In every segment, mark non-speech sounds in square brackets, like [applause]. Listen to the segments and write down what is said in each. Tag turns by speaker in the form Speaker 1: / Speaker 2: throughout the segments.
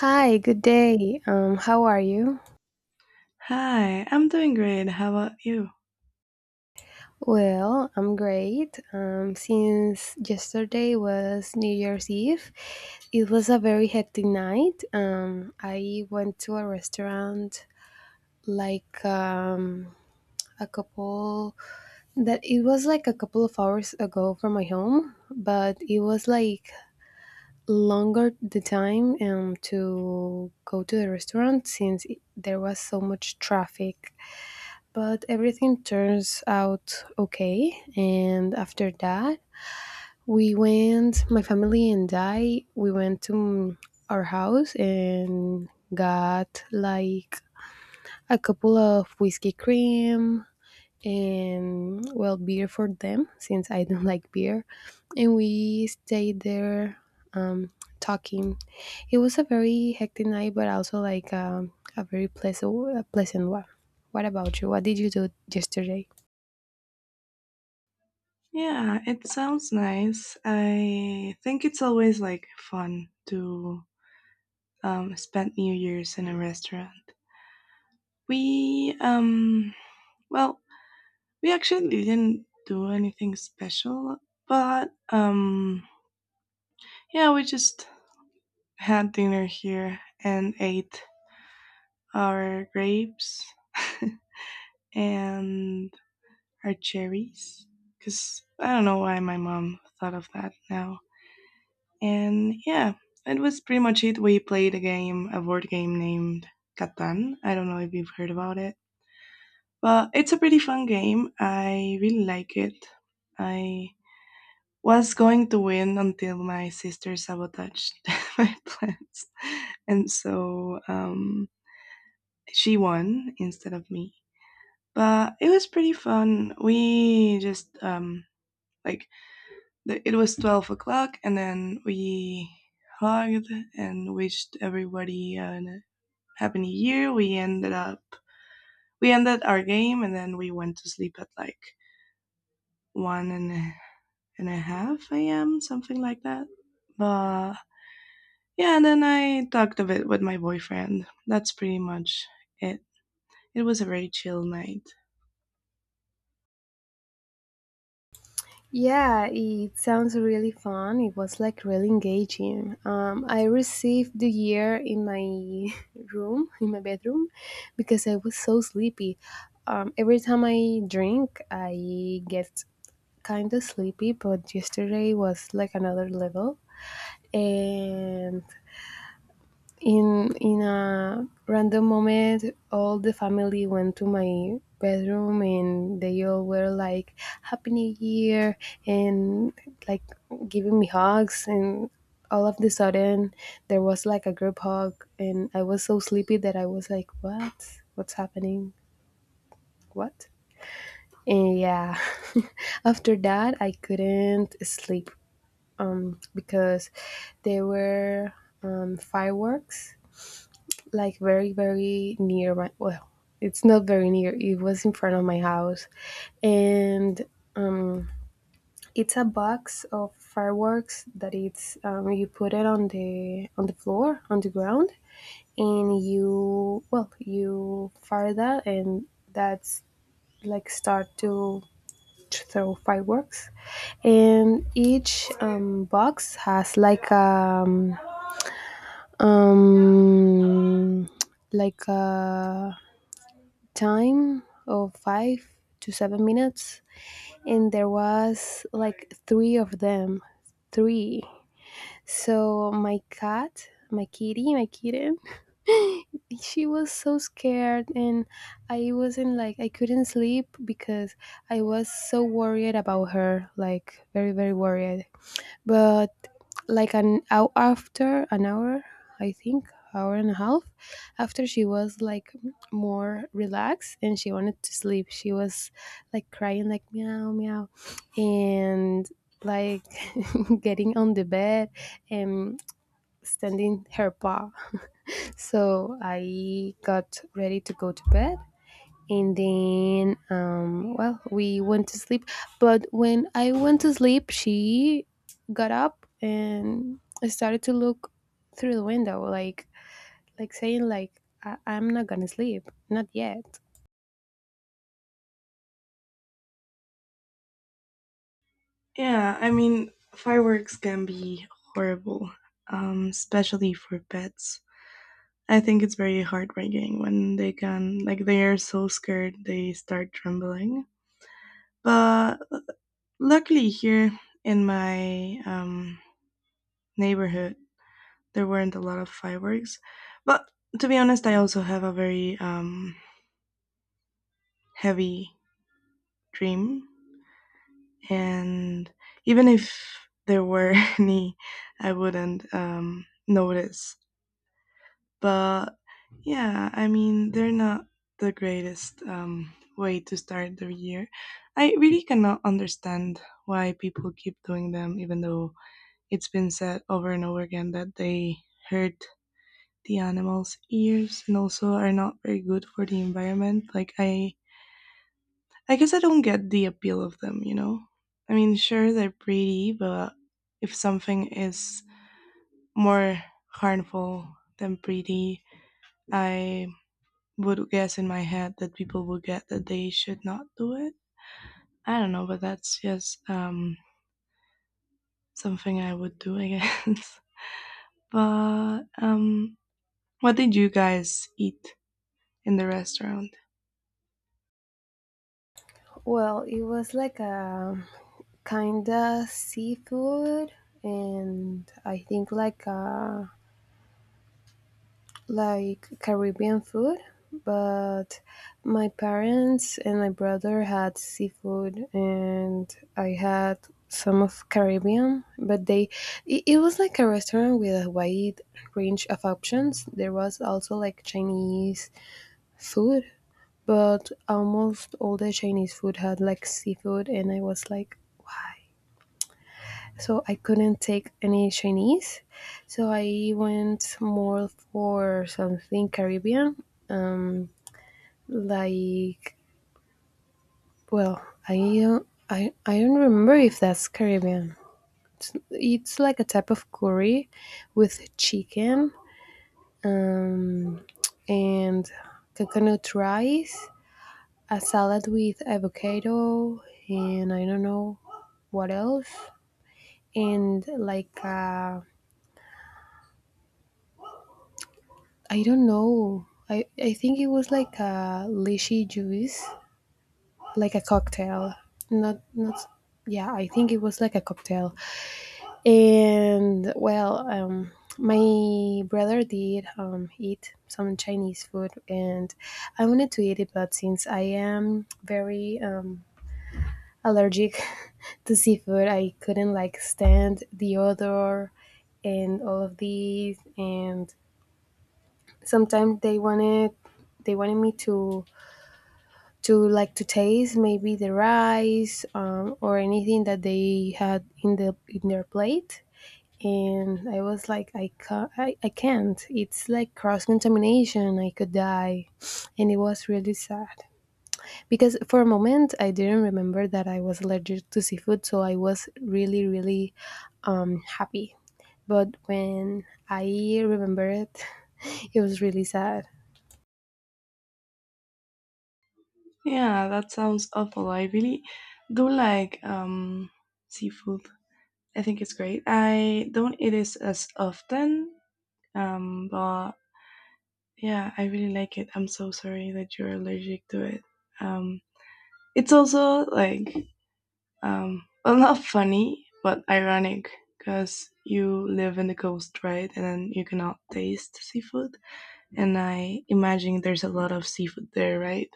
Speaker 1: Hi, good day. How are you?
Speaker 2: Hi, I'm doing great. How about you?
Speaker 1: Well, I'm great. Since yesterday was New Year's Eve, it was a very hectic night. I went to a restaurant like a couple, that it was like a couple of hours ago from my home, but it was like longer the time to go to the restaurant since there was so much traffic, but everything turns out okay. And after that, we went, my family and I, we went to our house and got like a couple of whiskey cream and well beer for them since I don't [laughs] like beer, and we stayed there um, talking. It was a very hectic night, but also like a pleasant one. What about you? What did you do yesterday?
Speaker 2: Yeah, it sounds nice. I think it's always like fun to spend New Year's in a restaurant. We um well, we actually didn't do anything special, but yeah, we just had dinner here and ate our grapes [laughs] and our cherries because I don't know why my mom thought of that now. And yeah, it was pretty much it. We played a game, a board game named Catan. I don't know if you've heard about it, but it's a pretty fun game. I really like it. I was going to win until my sister sabotaged [laughs] my plans, and she won instead of me. But it was pretty fun. We just like the, It was 12 o'clock and then we hugged and wished everybody a happy new year. We ended our game and then we went to sleep at like one and a, and a half a.m., something like that. But yeah, and then I talked a bit with my boyfriend. That's pretty much it. It was a very chill night.
Speaker 1: Yeah, it sounds really fun. It was like really engaging. I received the year in my [laughs] room, in my bedroom, because I was so sleepy. Every time I drink, I get kind of sleepy, but yesterday was like another level. And in a random moment all the family went to my bedroom and they all were like happy new year and like giving me hugs, and all of the sudden there was like a group hug and I was so sleepy that I was like, what's happening, what, and yeah. [laughs] After that I couldn't sleep because there were fireworks like very near my, well, it's not very near, it was in front of my house, and um, it's a box of fireworks that it's, you put it on the floor, on the ground, and you, well, you fire that, and that's like start to throw fireworks. And each box has like um a time of 5 to 7 minutes, and there was like three of them, three. So my cat my kitty my kitten, she was so scared, and I wasn't like I couldn't sleep because I was so worried about her, like very worried. But like an hour, after an hour, I think hour and a half after, she was like more relaxed and she wanted to sleep. She was like crying, like meow meow, and like [laughs] getting on the bed and standing her paw. So I got ready to go to bed, and then well, we went to sleep. But when I went to sleep she got up and started to look through the window like saying like, I'm not gonna sleep, not yet.
Speaker 2: Yeah, I mean, fireworks can be horrible, especially for pets. I think it's very heartbreaking when they are so scared they start trembling. But luckily, here in my neighborhood, there weren't a lot of fireworks. But to be honest, I also have a very heavy dream. And even if there were [laughs] any, I wouldn't notice. But yeah, I mean, they're not the greatest way to start the year. I really cannot understand why people keep doing them, even though it's been said over and over again that they hurt the animals' ears and also are not very good for the environment. I guess I don't get the appeal of them. You know, I mean, sure they're pretty, but if something is more harmful than pretty, I would guess in my head that people would get that they should not do it. I don't know, but that's just something I would do, I guess. [laughs] but What did you guys eat in the restaurant?
Speaker 1: Well, it was like a kinda seafood, and I think like Caribbean food, but my parents and my brother had seafood, and I had some of Caribbean. But it was like a restaurant with a wide range of options. There was also like Chinese food, but almost all the Chinese food had like seafood, and I was like, so I couldn't take any Chinese. So I went more for something Caribbean. Um, Like, well, I don't remember if that's Caribbean. It's like a type of curry with chicken, um, and coconut rice, a salad with avocado, and I don't know what else. And like, I don't know. I think it was like a lychee juice, like a cocktail. Not, not, yeah, I think it was like a cocktail. And well, my brother did eat some Chinese food, and I wanted to eat it, but since I am very allergic [laughs] to seafood, I couldn't like stand the odor and all of these. And sometimes they wanted me to, like to taste maybe the rice, or anything that they had in the in their plate. And I was like, I can't, I can't. It's like cross contamination. I could die, and it was really sad because for a moment I didn't remember that I was allergic to seafood, so I was really, really happy. But when I remember it, [laughs] it was really sad.
Speaker 2: Yeah, that sounds awful. I really do like seafood. I think it's great. I don't eat it as often, but yeah, I really like it. I'm so sorry that you're allergic to it. Um, it's also like, well, [laughs] not funny, but ironic because you live in the coast, right? And then you cannot taste seafood. And I imagine there's a lot of seafood there, right?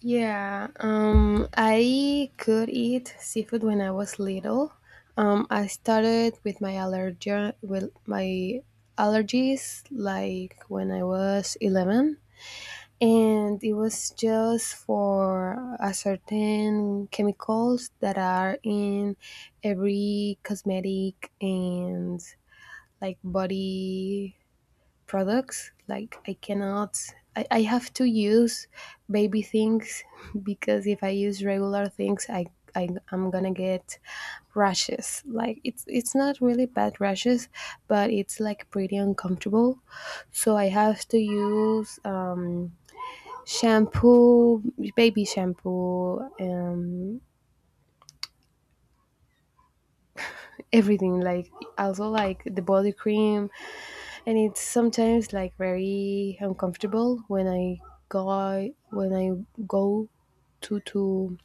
Speaker 1: Yeah, I could eat seafood when I was little. I started with my allergies like when I was 11, and it was just for a certain chemicals that are in every cosmetic and like body products. Like I cannot, I have to use baby things [laughs] because if I use regular things, I'm gonna get rashes. Like it's not really bad rashes, but it's like pretty uncomfortable. So I have to use shampoo, baby shampoo, everything. Like also like the body cream, and it's sometimes like very uncomfortable when I go to to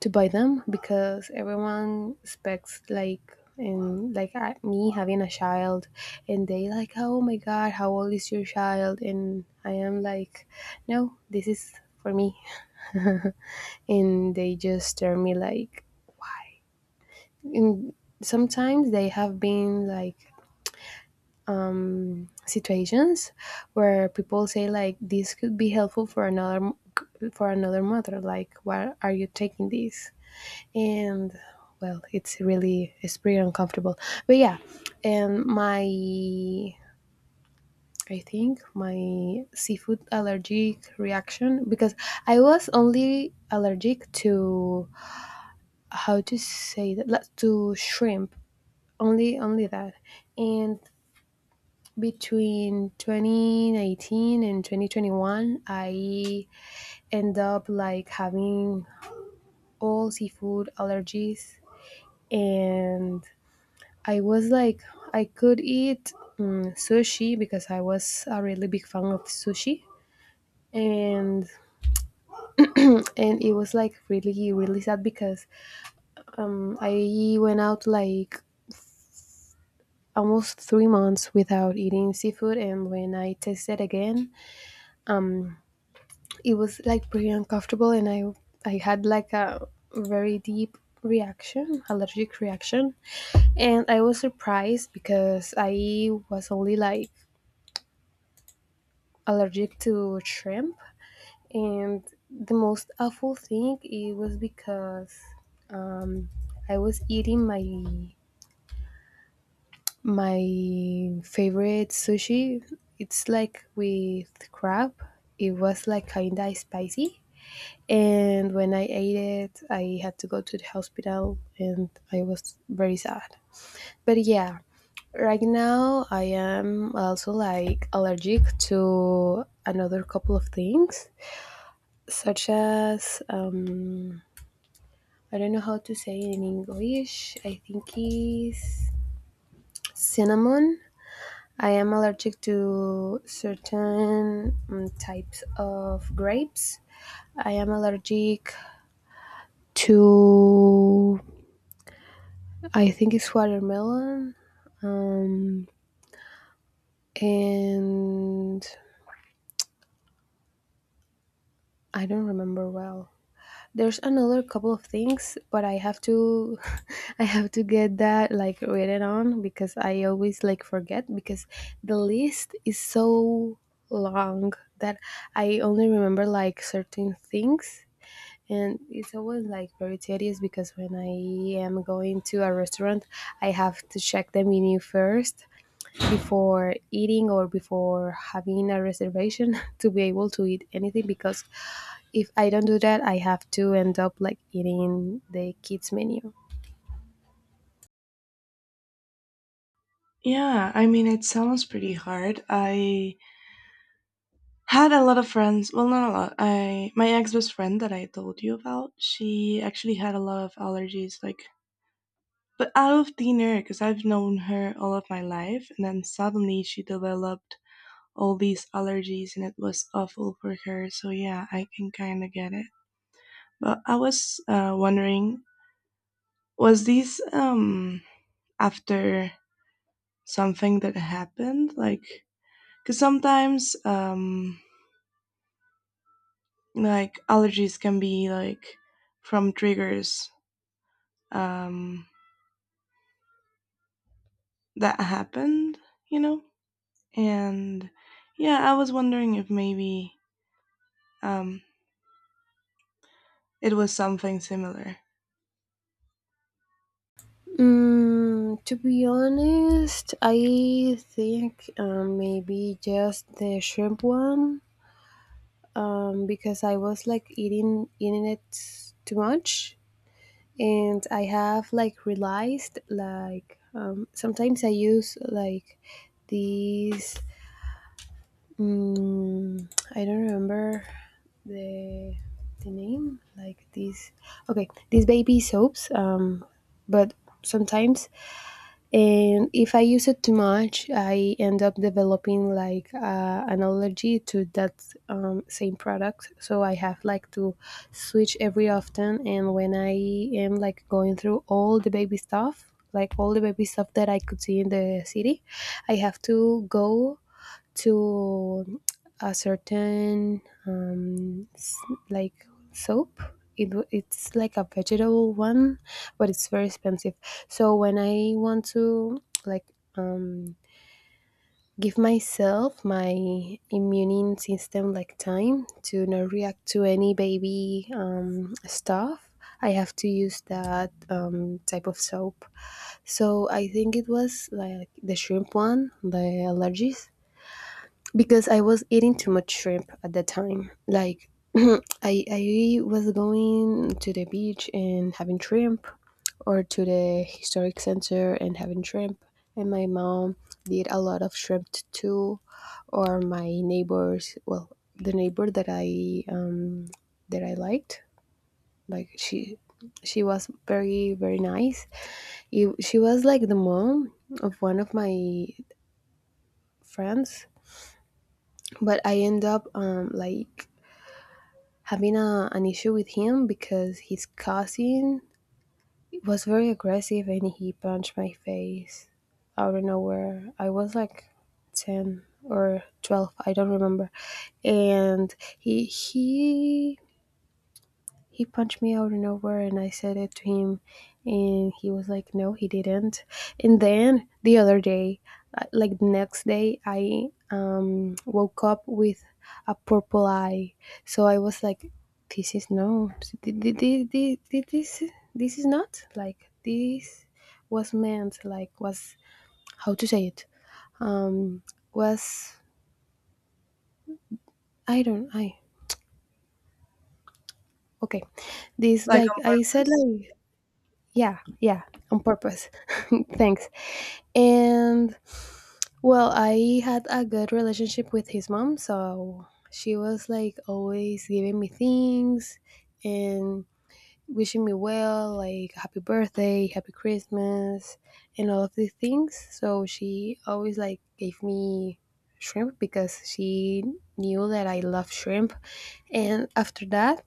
Speaker 1: to buy them, because everyone expects like, and like me having a child, and they like, oh my god, how old is your child, and I am like, no, this is for me. [laughs] And they just turn me like, and sometimes they have been like situations where people say like, this could be helpful for another, for another mother, like why are you taking this. And well, it's pretty uncomfortable, but yeah. And my I think my seafood allergic reaction, because I was only allergic to, how to say that, like, to shrimp, only that, and between 2019 and 2021 I end up like having all seafood allergies. And I was like, I could eat sushi because I was a really big fan of sushi, and and it was like really sad because I went out like almost 3 months without eating seafood, and when I tasted again it was like pretty uncomfortable, and I had like a very deep reaction, allergic reaction. And I was surprised because I was only like allergic to shrimp, and the most awful thing it was because um I was eating my favorite sushi. It's like with crab, it was like kinda spicy. And when I ate it, I had to go to the hospital, and I was very sad. But yeah, right now I am also like allergic to another couple of things, such as, I don't know how to say it in English, I think is cinnamon. I am allergic to certain types of grapes. I am allergic to, I think it's watermelon, um, and I don't remember well. There's another couple of things, but I have to, [laughs] I have to get that like written on because I always like forget, because the list is so long that I only remember like certain things, and it's always like very tedious because when I am going to a restaurant, I have to check the menu first before eating or before having a reservation [laughs] to be able to eat anything, because if I don't do that, I have to end up like eating the kids menu.
Speaker 2: Yeah, I mean, it sounds pretty hard. I had a lot of friends. Well, not a lot. I My ex-best friend that I told you about, she actually had a lot of allergies like, but out of thin air, because I've known her all of my life and then suddenly she developed all these allergies and it was awful for her. So yeah, I can kind of get it. But I was wondering, was this after something that happened? Like, because sometimes like allergies can be like from triggers um that happened, you know? And yeah, I was wondering if maybe um it was something similar.
Speaker 1: To be honest, I think maybe just the shrimp one, because I was like eating it too much, and I have like realized like, sometimes I use like these, Mm, I don't remember the the name. Like these, okay, these baby soaps. But sometimes, and if I use it too much, I end up developing like an allergy to that same product. So I have like to switch every often. And when I am like going through all the baby stuff, like all the baby stuff that I could see in the city, I have to go to a certain like soap. It's like a vegetable one, but it's very expensive. So when I want to like um, give myself my immune system like time to not react to any baby stuff, I have to use that type of soap. So I think it was like the shrimp one, the allergies, because I was eating too much shrimp at that time. Like I was going to the beach and having shrimp, or to the historic center and having shrimp, and my mom did a lot of shrimp too. Or my neighbors, well, the neighbor that I liked, like she was very nice, she was like the mom of one of my friends. But I end up like having an issue with him because his cousin was very aggressive and he punched my face out of nowhere. I was like 10 or 12, I don't remember. And he he punched me out of nowhere, and I said it to him, and he was like, no, he didn't. And then the other day, like the next day, I woke up with a purple eye. So I was like, this is no this, this is not like this was meant, like was, how to say it, um was I don't I okay, this, like I said,
Speaker 2: Lycomas?
Speaker 1: like, yeah, yeah, on purpose. [laughs] Thanks. And well, I had a good relationship with his mom, so she was like always giving me things and wishing me well, like happy birthday, happy Christmas, and all of these things. So she always like gave me shrimp because she knew that I love shrimp. And after that,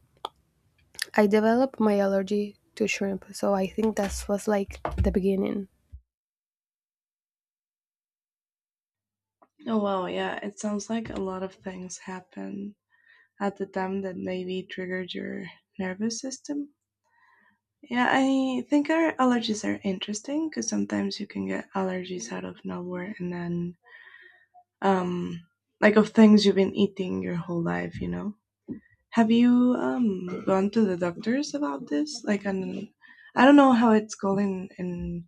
Speaker 1: I developed my allergy to shrimp. So I think that was like the beginning.
Speaker 2: Oh wow, yeah. It sounds like a lot of things happen at the time that maybe triggered your nervous system. Yeah, I think our allergies are interesting because sometimes you can get allergies out of nowhere, and then, um, like, of things you've been eating your whole life, you know? Have you gone to the doctors about this? Like an, I don't know how it's called in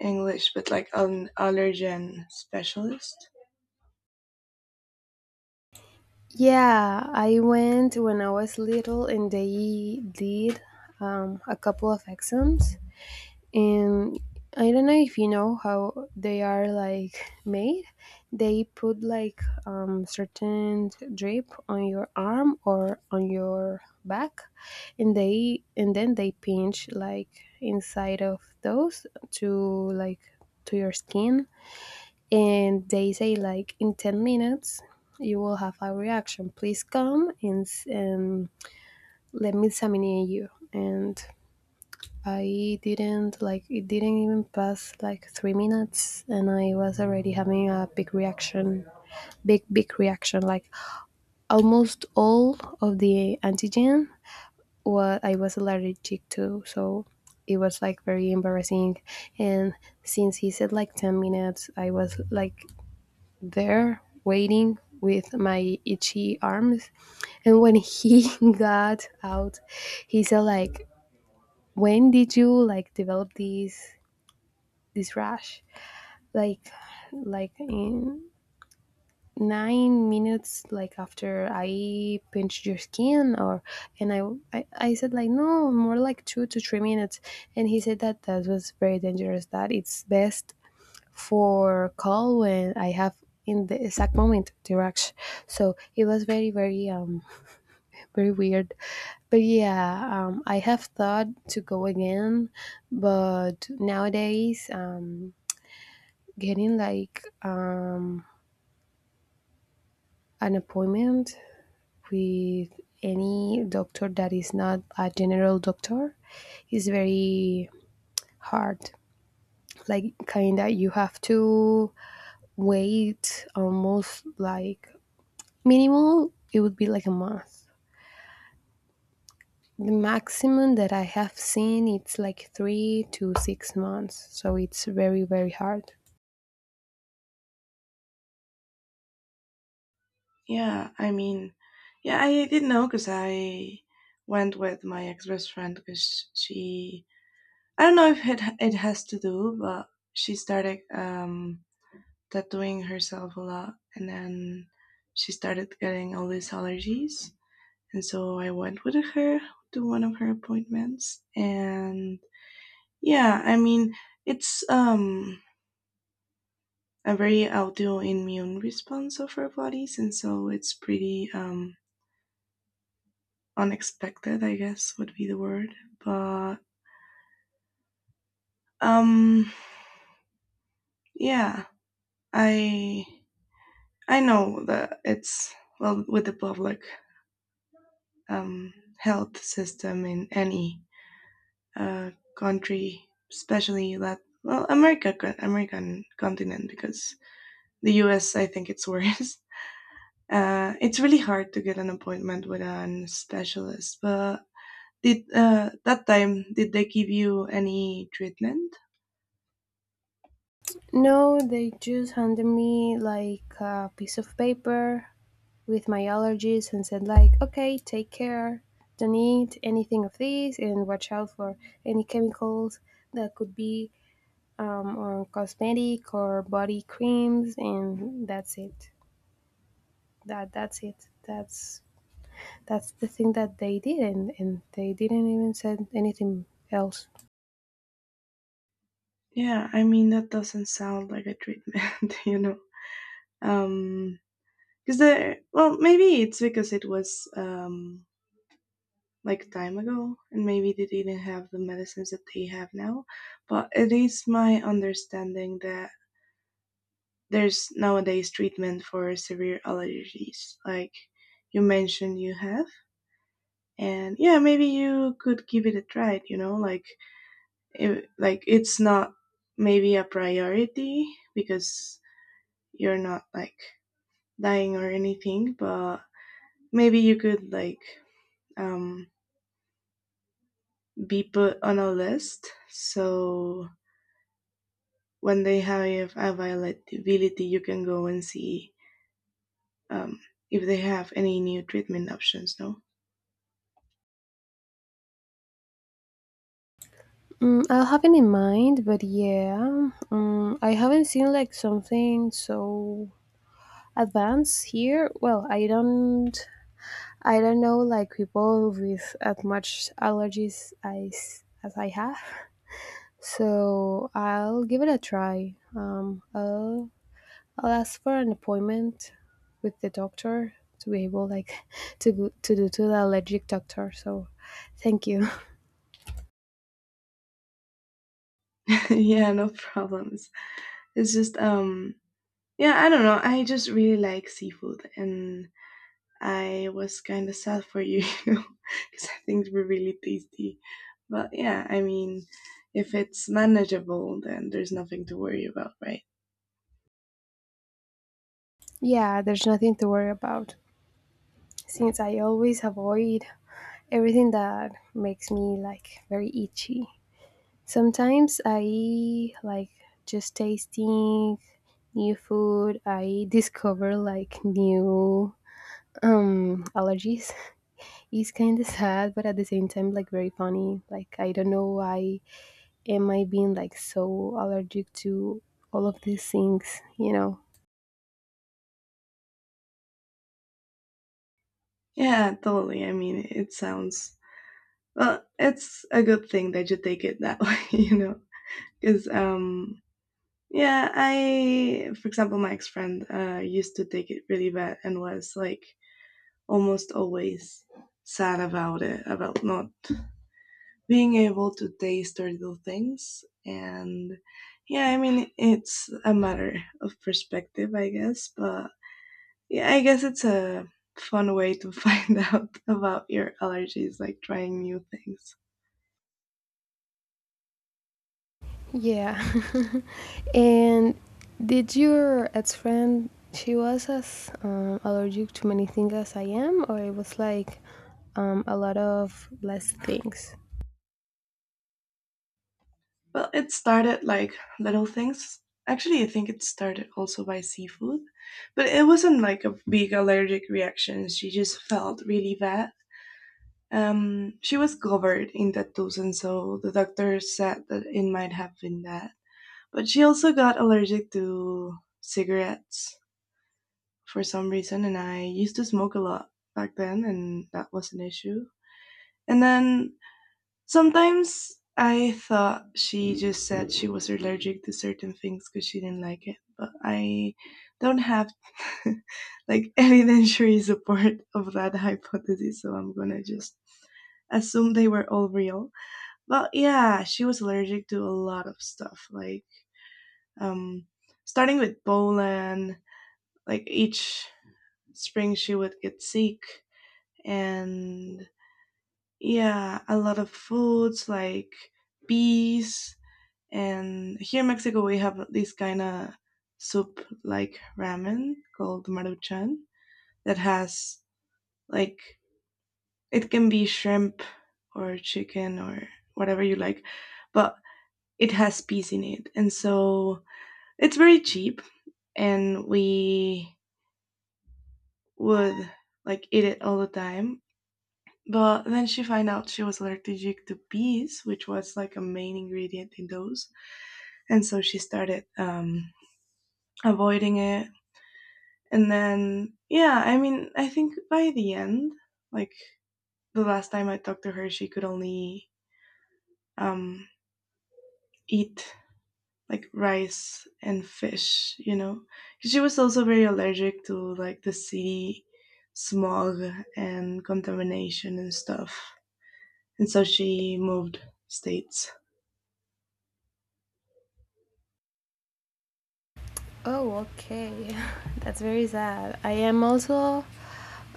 Speaker 2: English, but like an allergen specialist.
Speaker 1: Yeah, I went when I was little and they did a couple of exams. And I don't know if you know how they are like made. They put like certain drip on your arm or on your back, and they and then they pinch like inside of those to like to your skin, and they say like in 10 minutes you will have a reaction, please come and let me examine you. And I didn't, like, it didn't even pass like 3 minutes and I was already having a big reaction, big big reaction, like almost all of the antigen what I was allergic to. So it was like very embarrassing. And since he said like 10 minutes, I was like there waiting with my itchy arms, and when he [laughs] got out he said like, when did you like develop this this rash, like like in 9 minutes like after I pinched your skin or? And I said like, no, more like 2 to 3 minutes. And he said that that was very dangerous, that it's best for call when I have in the exact moment to rush. So it was very, very, very weird. But yeah, I have thought to go again, but nowadays, getting like an appointment with any doctor that is not a general doctor is very hard. Like, kinda, you have to wait almost like, minimal, it would be like a month. The maximum that I have seen it's like 3 to 6 months, so it's very very hard.
Speaker 2: Yeah, I mean, yeah, I didn't know because I went with my ex best friend because she I don't know if it has to do, but she started tattooing herself a lot, and then she started getting all these allergies. And so I went with her to one of her appointments. And yeah, I mean, it's a very autoimmune response of our bodies. And so it's pretty unexpected, I guess would be the word. But um, yeah, I I know that it's well with the public um, health system in any uh, country, especially that well America American continent because the US, I think it's [laughs] worse. It's really hard to get an appointment with a specialist. But did that time did they give you any treatment?
Speaker 1: No, they just handed me like a piece of paper with my allergies and said like, okay, take care, don't eat anything of this, and watch out for any chemicals that could be on cosmetic or body creams, and that's it. That's it. That's the thing that they did, and they didn't even said anything else.
Speaker 2: Yeah, I mean that doesn't sound like a treatment, [laughs] you know. Um, because the well, maybe it's because it was like time ago and maybe they didn't have the medicines that they have now, but it is my understanding that there's nowadays treatment for severe allergies like you mentioned you have. And yeah, maybe you could give it a try, you know, like it's not maybe a priority because you're not like dying or anything, but maybe you could like um, be put on a list so when they have availability, you can go and see um, if they have any new treatment options. No.
Speaker 1: Mm, I'll have it in mind, but yeah, mm, I haven't seen like something so advanced here. Well, I don't know like people with as much allergies as I have. So I'll give it a try. I'll ask for an appointment with the doctor to be able like [laughs] to go to do to the allergic doctor. So thank you. [laughs]
Speaker 2: [laughs] Yeah, no problems. It's just yeah, I don't know. I just really like seafood and I was kind of sad for you, [laughs] you know, because [laughs] things were really tasty. But yeah, I mean, if it's manageable, then there's nothing to worry about, right?
Speaker 1: Yeah, there's nothing to worry about since I always avoid everything that makes me like very itchy. Sometimes I like just tasting new food, I discover like new allergies. [laughs] It's kind of sad, but at the same time like very funny. Like, I don't know why am I being like so allergic to all of these things, you know?
Speaker 2: Yeah, totally. I mean, it sounds well. It's a good thing that you take it that [laughs] way, you know, because yeah, I, for example, my ex friend used to take it really bad and was like almost always sad about it, about not being able to taste or do things. And yeah, I mean, it's a matter of perspective, I guess, but yeah, I guess it's a fun way to [laughs] find out about your allergies, like trying new things.
Speaker 1: Yeah. [laughs] And did your ex friend, she was as allergic to many things as I am, or it was like a lot of less things?
Speaker 2: Well, it started like little things. Actually, I think it started also by seafood, but it wasn't like a big allergic reaction, she just felt really bad. She was covered in tattoos, and so the doctor said that it might have been that. But she also got allergic to cigarettes for some reason, and I used to smoke a lot back then, and that was an issue. And then sometimes I thought she just said she was allergic to certain things because she didn't like it, but I don't have [laughs] like evidentiary support of that hypothesis, so I'm gonna just assume they were all real. But yeah, she was allergic to a lot of stuff, like um, starting with Bolan, like each spring she would get sick, and yeah, a lot of foods like bees. And here in Mexico, we have this kind of soup like ramen called maruchan that has like, it can be shrimp or chicken or whatever you like, but it has peas in it, and so it's very cheap. And we would like eat it all the time. But then she found out she was allergic to peas, which was like a main ingredient in those, and so she started avoiding it. And then, yeah, I mean, I think by the end, like the last time I talked to her, she could only um, eat like rice and fish, you know. She was also very allergic to like the city smog and contamination and stuff. And so she moved states.
Speaker 1: Oh, okay. [laughs] That's very sad. I am also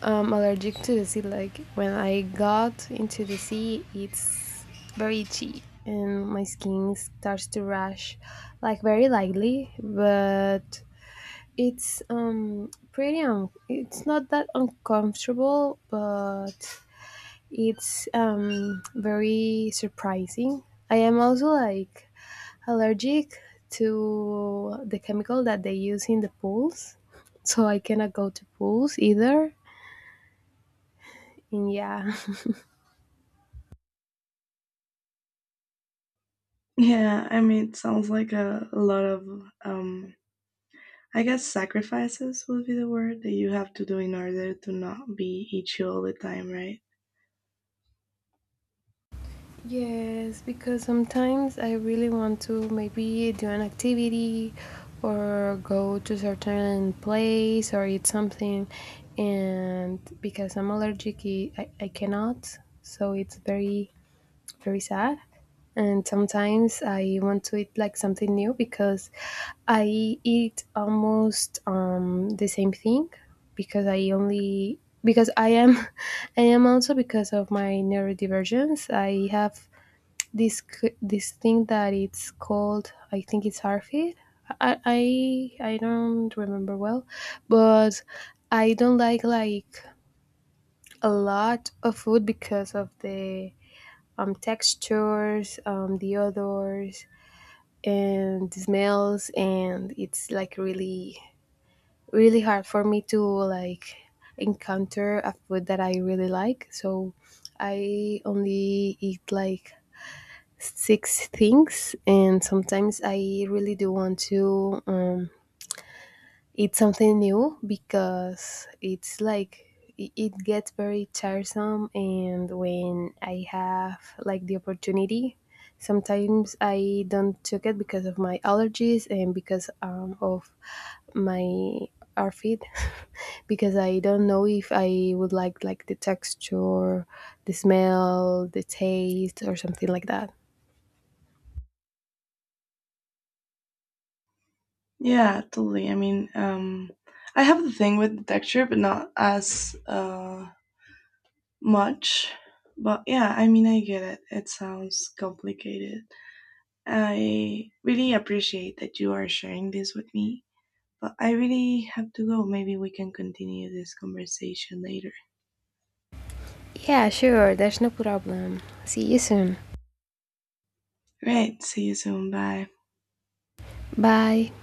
Speaker 1: allergic to the sea. Like when I got into the sea, it's very itchy and my skin starts to rash, like very lightly. But it's pretty. Un- it's not that uncomfortable, but it's very surprising. I am also like allergic to the chemical that they use in the pools, so I cannot go to pools either. And yeah,
Speaker 2: Yeah, I mean, it sounds like a lot of, I guess, sacrifices would be the word that you have to do in order to not be itchy all the time, right?
Speaker 1: [laughs] yes, because sometimes I really want to maybe do an activity or go to certain place or eat something, and because I'm allergic, I, I cannot. So it's very very sad. And sometimes I want to eat like something new because I eat almost the same thing because I only, because I am [laughs] I am also, because of my neurodivergence. I have this c- this thing that it's called, I think it's ARFID. I don't remember well, but I don't like a lot of food because of the textures, the odors, and the smells, and it's like really, really hard for me to like encounter a food that I really like. So I only eat like six things, and sometimes I really do want to. It's something new because it's like I- it gets very tiresome, and when I have like the opportunity, sometimes I don't took it because of my allergies and because of my outfit [laughs] because I don't know if I would like the texture, the smell, the taste or something like that.
Speaker 2: Yeah, totally. I mean, I have the thing with the texture, but not as much. But yeah, I mean, I get it. It sounds complicated. I really appreciate that you are sharing this with me. But I really have to go. Maybe we can continue this conversation later.
Speaker 1: Yeah, sure, there's no problem. See you soon.
Speaker 2: Great. See you soon. Bye.
Speaker 1: Bye.